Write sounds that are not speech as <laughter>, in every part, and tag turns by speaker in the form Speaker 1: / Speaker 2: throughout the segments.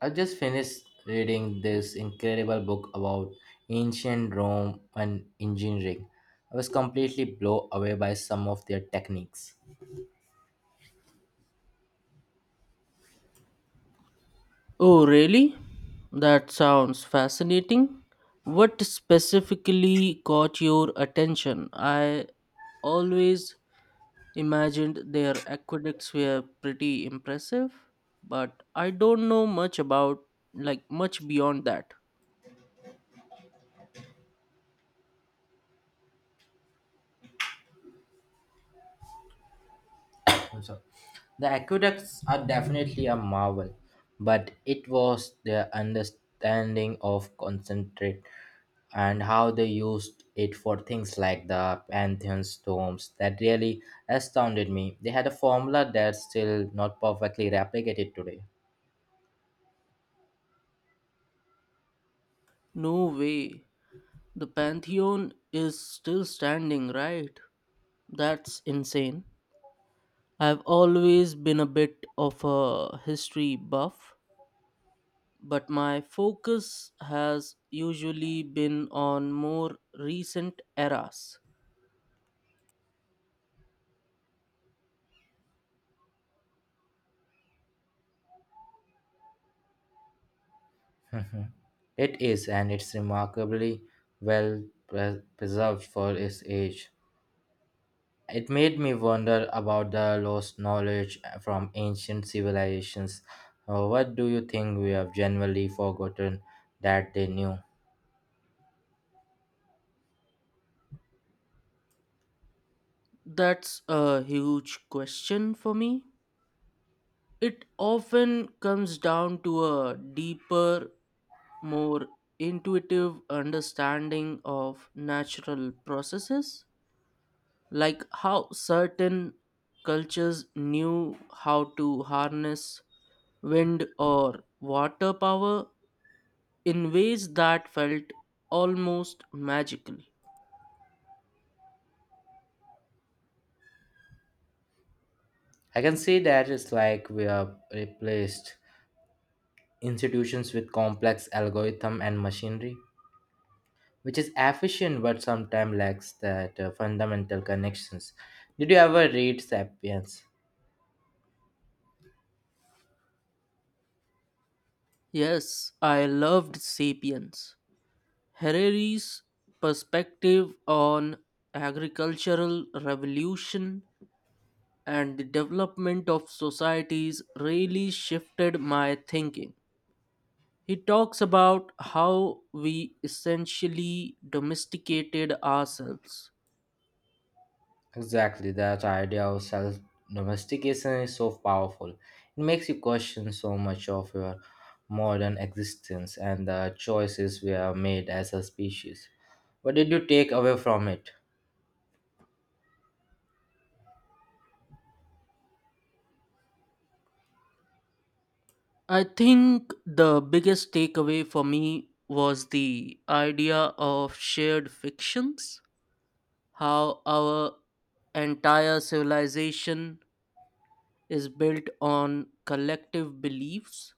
Speaker 1: I just finished reading this incredible book about ancient Rome and engineering. I was completely blown away by some of their techniques.
Speaker 2: Oh, really? That sounds fascinating. What specifically caught your attention? I always imagined their aqueducts were pretty impressive, but I don't know much about, like, much beyond that.
Speaker 1: I'm sorry. The aqueducts are definitely a marvel, but it was their understanding of concentrate and how they used it for things like the Pantheon's tombs that really astounded me. They had a formula that's still not perfectly replicated today.
Speaker 2: No way. The Pantheon is still standing, right? That's insane. I've always been a bit of a history buff, but my focus has usually been on more recent eras.
Speaker 1: It is, and it's remarkably well preserved for its age. It made me wonder about the lost knowledge from ancient civilizations. What do you think we have generally forgotten that they knew?
Speaker 2: That's a huge question for me. It often comes down to a deeper, more intuitive understanding of natural processes, like how certain cultures knew how to harness wind or water power in ways that felt almost magical.
Speaker 1: I can see that it's like we have replaced institutions with complex algorithm and machinery, which is efficient but sometimes lacks that fundamental connections. Did you ever read *Sapiens*?
Speaker 2: Yes, I loved Sapiens. Harari's perspective on agricultural revolution and the development of societies really shifted my thinking. He talks about how we essentially domesticated ourselves.
Speaker 1: Exactly, that idea of self domestication is so powerful. It makes you question so much of your modern existence and the choices we have made as a species. What did you take away from it?
Speaker 2: I think the biggest takeaway for me was the idea of shared fictions, how our entire civilization is built on collective beliefs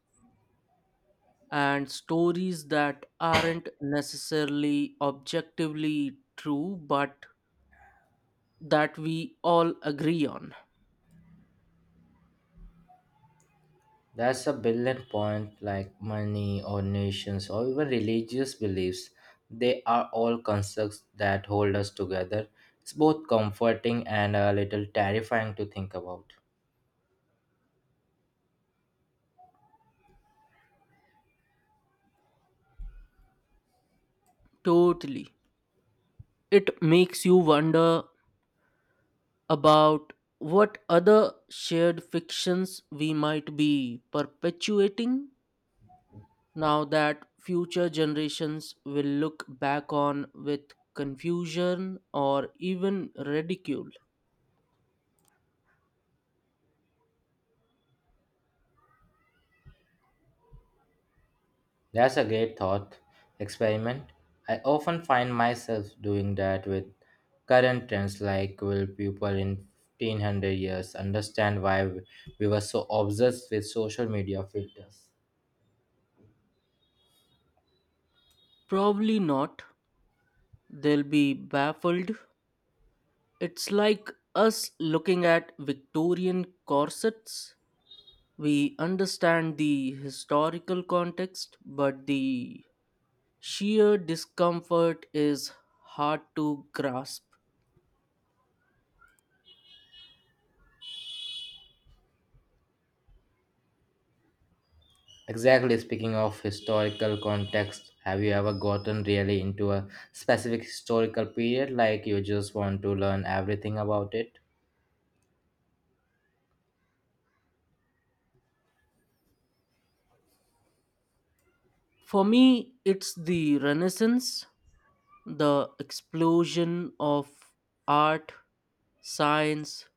Speaker 2: and stories that aren't necessarily objectively true, but that we all agree on.
Speaker 1: That's a brilliant point, like money or nations or even religious beliefs. They are all constructs that hold us together. It's both comforting and a little terrifying to think about.
Speaker 2: Totally. It makes you wonder about what other shared fictions we might be perpetuating now that future generations will look back on with confusion or even ridicule.
Speaker 1: That's a great thought experiment. I often find myself doing that with current trends like will people in 1500 years understand why we were so obsessed with social media filters?
Speaker 2: Probably not. They'll be baffled. It's like us looking at Victorian corsets. We understand the historical context, but the sheer discomfort is hard to grasp.
Speaker 1: Exactly, speaking of historical context, have you ever gotten really into a specific historical period like you just want to learn everything about it?
Speaker 2: For me, it's the Renaissance, the explosion of art, science,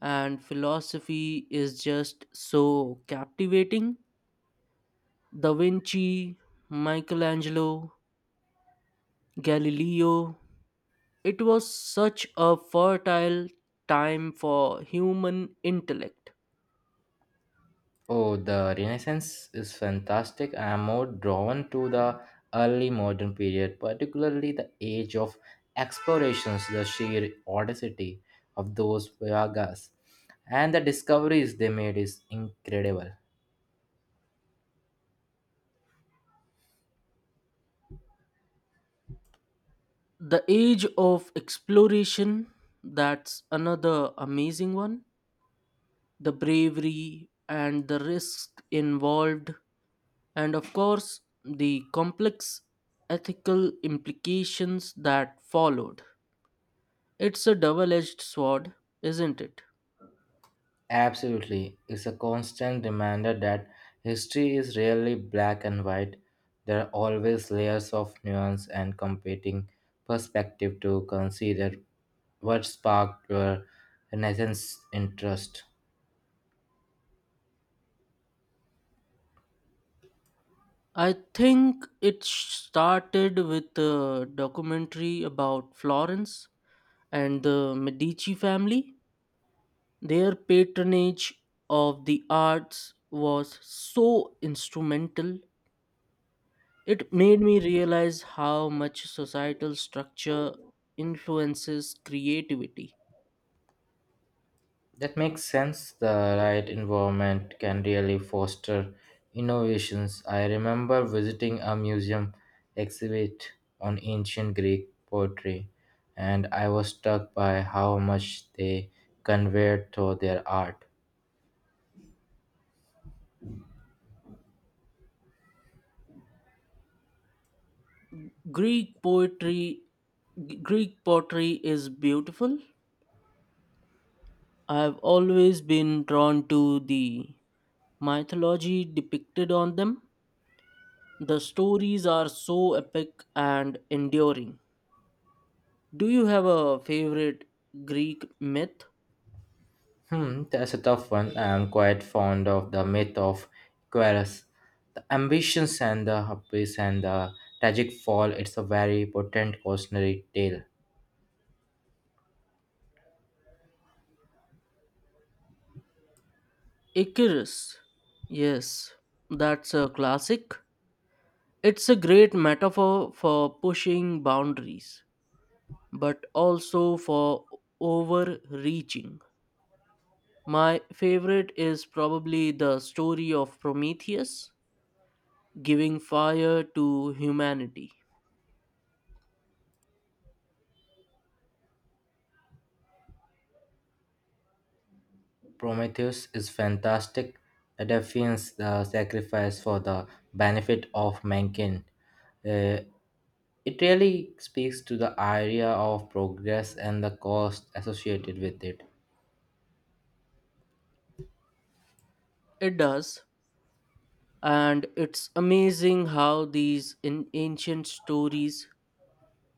Speaker 2: and philosophy is just so captivating. Da Vinci, Michelangelo, Galileo. It was such a fertile time for human intellect.
Speaker 1: Oh, the Renaissance is fantastic. I am more drawn to the early modern period, particularly the age of explorations, the sheer audacity of those voyages, and the discoveries they made is incredible.
Speaker 2: The age of exploration, that's another amazing one. The bravery and the risk involved, and of course the complex ethical implications that followed. It's a double edged sword, isn't it?
Speaker 1: Absolutely, it's a constant reminder that history is rarely black and white. There are always layers of nuance and competing perspective to consider. What sparked your Renaissance interest?
Speaker 2: I think it started with a documentary about Florence and the Medici family. Their patronage of the arts was so instrumental. It made me realize how much societal structure influences creativity.
Speaker 1: That makes sense. The right environment can really foster innovations. I remember visiting a museum exhibit on ancient Greek poetry, and I was struck by how much they conveyed through their art.
Speaker 2: Greek poetry, Greek pottery is beautiful. I have always been drawn to the mythology depicted on them. The stories are so epic and enduring. Do you have a favorite Greek myth?
Speaker 1: Hmm, that's a tough one. I am quite fond of the myth of Equus. The ambitions and the hubris and the tragic fall, it's a very potent cautionary tale.
Speaker 2: Icarus. Yes, that's a classic. It's a great metaphor for pushing boundaries, but also for overreaching. My favorite is probably the story of Prometheus giving fire to humanity.
Speaker 1: Prometheus is fantastic. It defies the sacrifice for the benefit of mankind. Uh, it really speaks to the idea of progress and the cost associated with it.
Speaker 2: It does, and it's amazing how these in ancient stories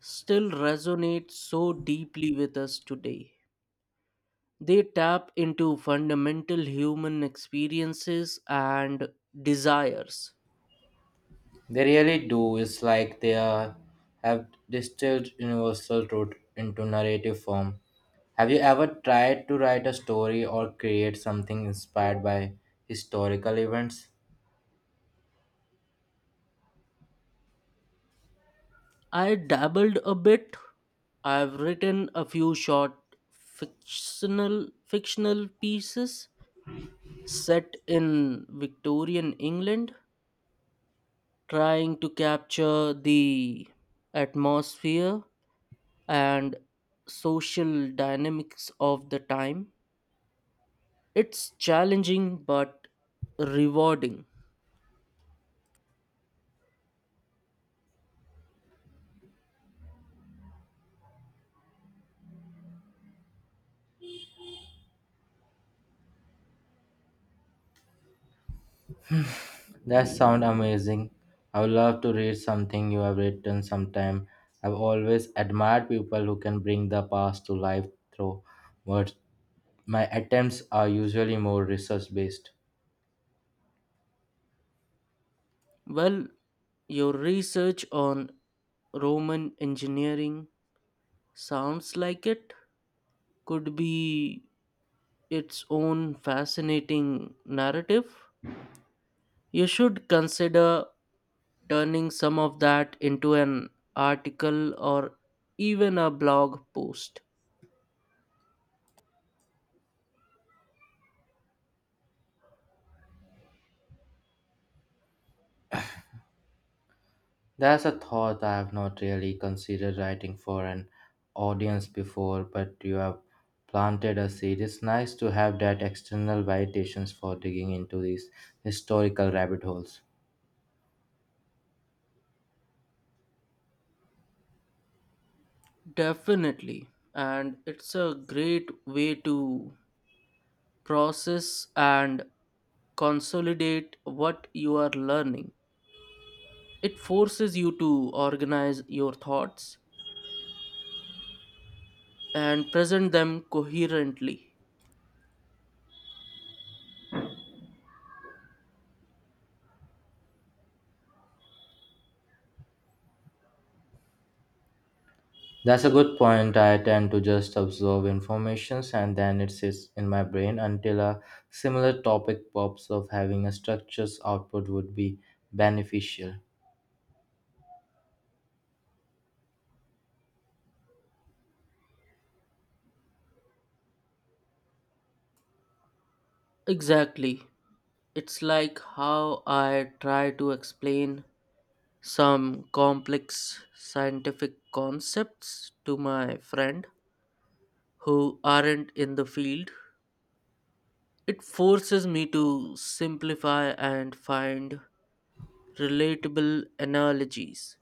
Speaker 2: still resonate so deeply with us today. They tap into fundamental human experiences and desires.
Speaker 1: They really do. It's like have distilled universal truth into narrative form. Have you ever tried to write a story or create something inspired by historical events?
Speaker 2: I dabbled a bit. I've written a few short fictional pieces set in Victorian England, trying to capture the atmosphere and social dynamics of the time. It's challenging but rewarding.
Speaker 1: That sounds amazing. I would love to read something you have written sometime. I've always admired people who can bring the past to life through words. My attempts are usually more research based.
Speaker 2: Well, your research on Roman engineering sounds like it could be its own fascinating narrative. You should consider turning some of that into an article or even a blog post.
Speaker 1: There's a thought. I have not really considered writing for an audience before, but you have planted a seed. It's nice to have that external validations for digging into these historical rabbit holes.
Speaker 2: Definitely. And it's a great way to process and consolidate what you are learning. It forces you to organize your thoughts and present them coherently.
Speaker 1: That's a good point. I tend to just absorb informations and then it sits in my brain until a similar topic pops up. Having a structured output would be beneficial.
Speaker 2: Exactly. It's like how I try to explain some complex scientific concepts to my friend who aren't in the field. It forces me to simplify and find relatable analogies.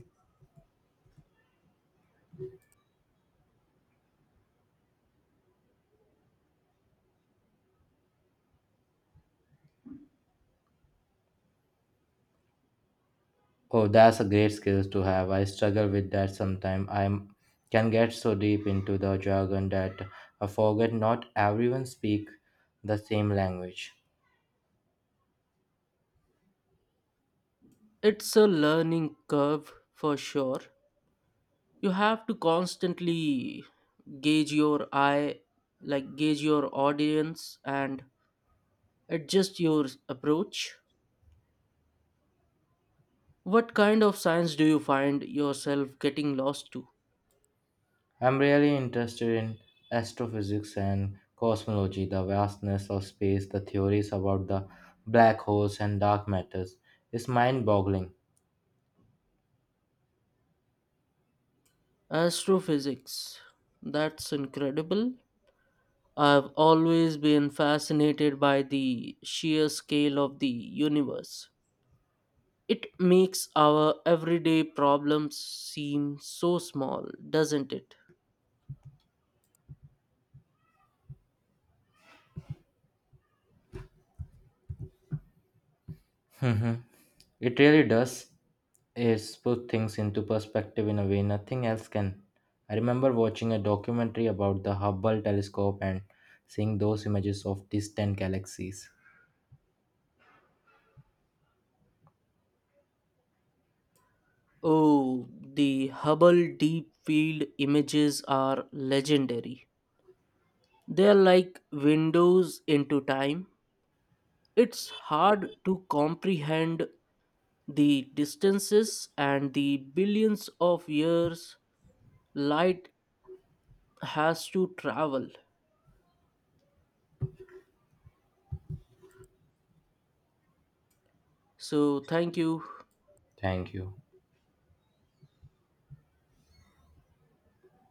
Speaker 1: Oh, that's a great skill to have. I struggle with that sometimes. I can get so deep into the jargon that I forget not everyone speak the same language.
Speaker 2: It's a learning curve for sure. You have to constantly gauge your eye, gauge your audience and adjust your approach. What kind of science do you find yourself getting lost to?
Speaker 1: I'm really interested in astrophysics and cosmology, the vastness of space, the theories about the black holes and dark matters. It's mind boggling.
Speaker 2: Astrophysics. That's incredible. I've always been fascinated by the sheer scale of the universe. It makes our everyday problems seem so small, doesn't it?
Speaker 1: Mhm. <laughs> It really does is put things into perspective in a way nothing else can. I remember watching a documentary about the Hubble telescope and seeing those images of distant galaxies.
Speaker 2: Oh, the Hubble Deep Field images are legendary. They're like windows into time. It's hard to comprehend the distances and the billions of years light has to travel. So, thank you.
Speaker 1: Thank you.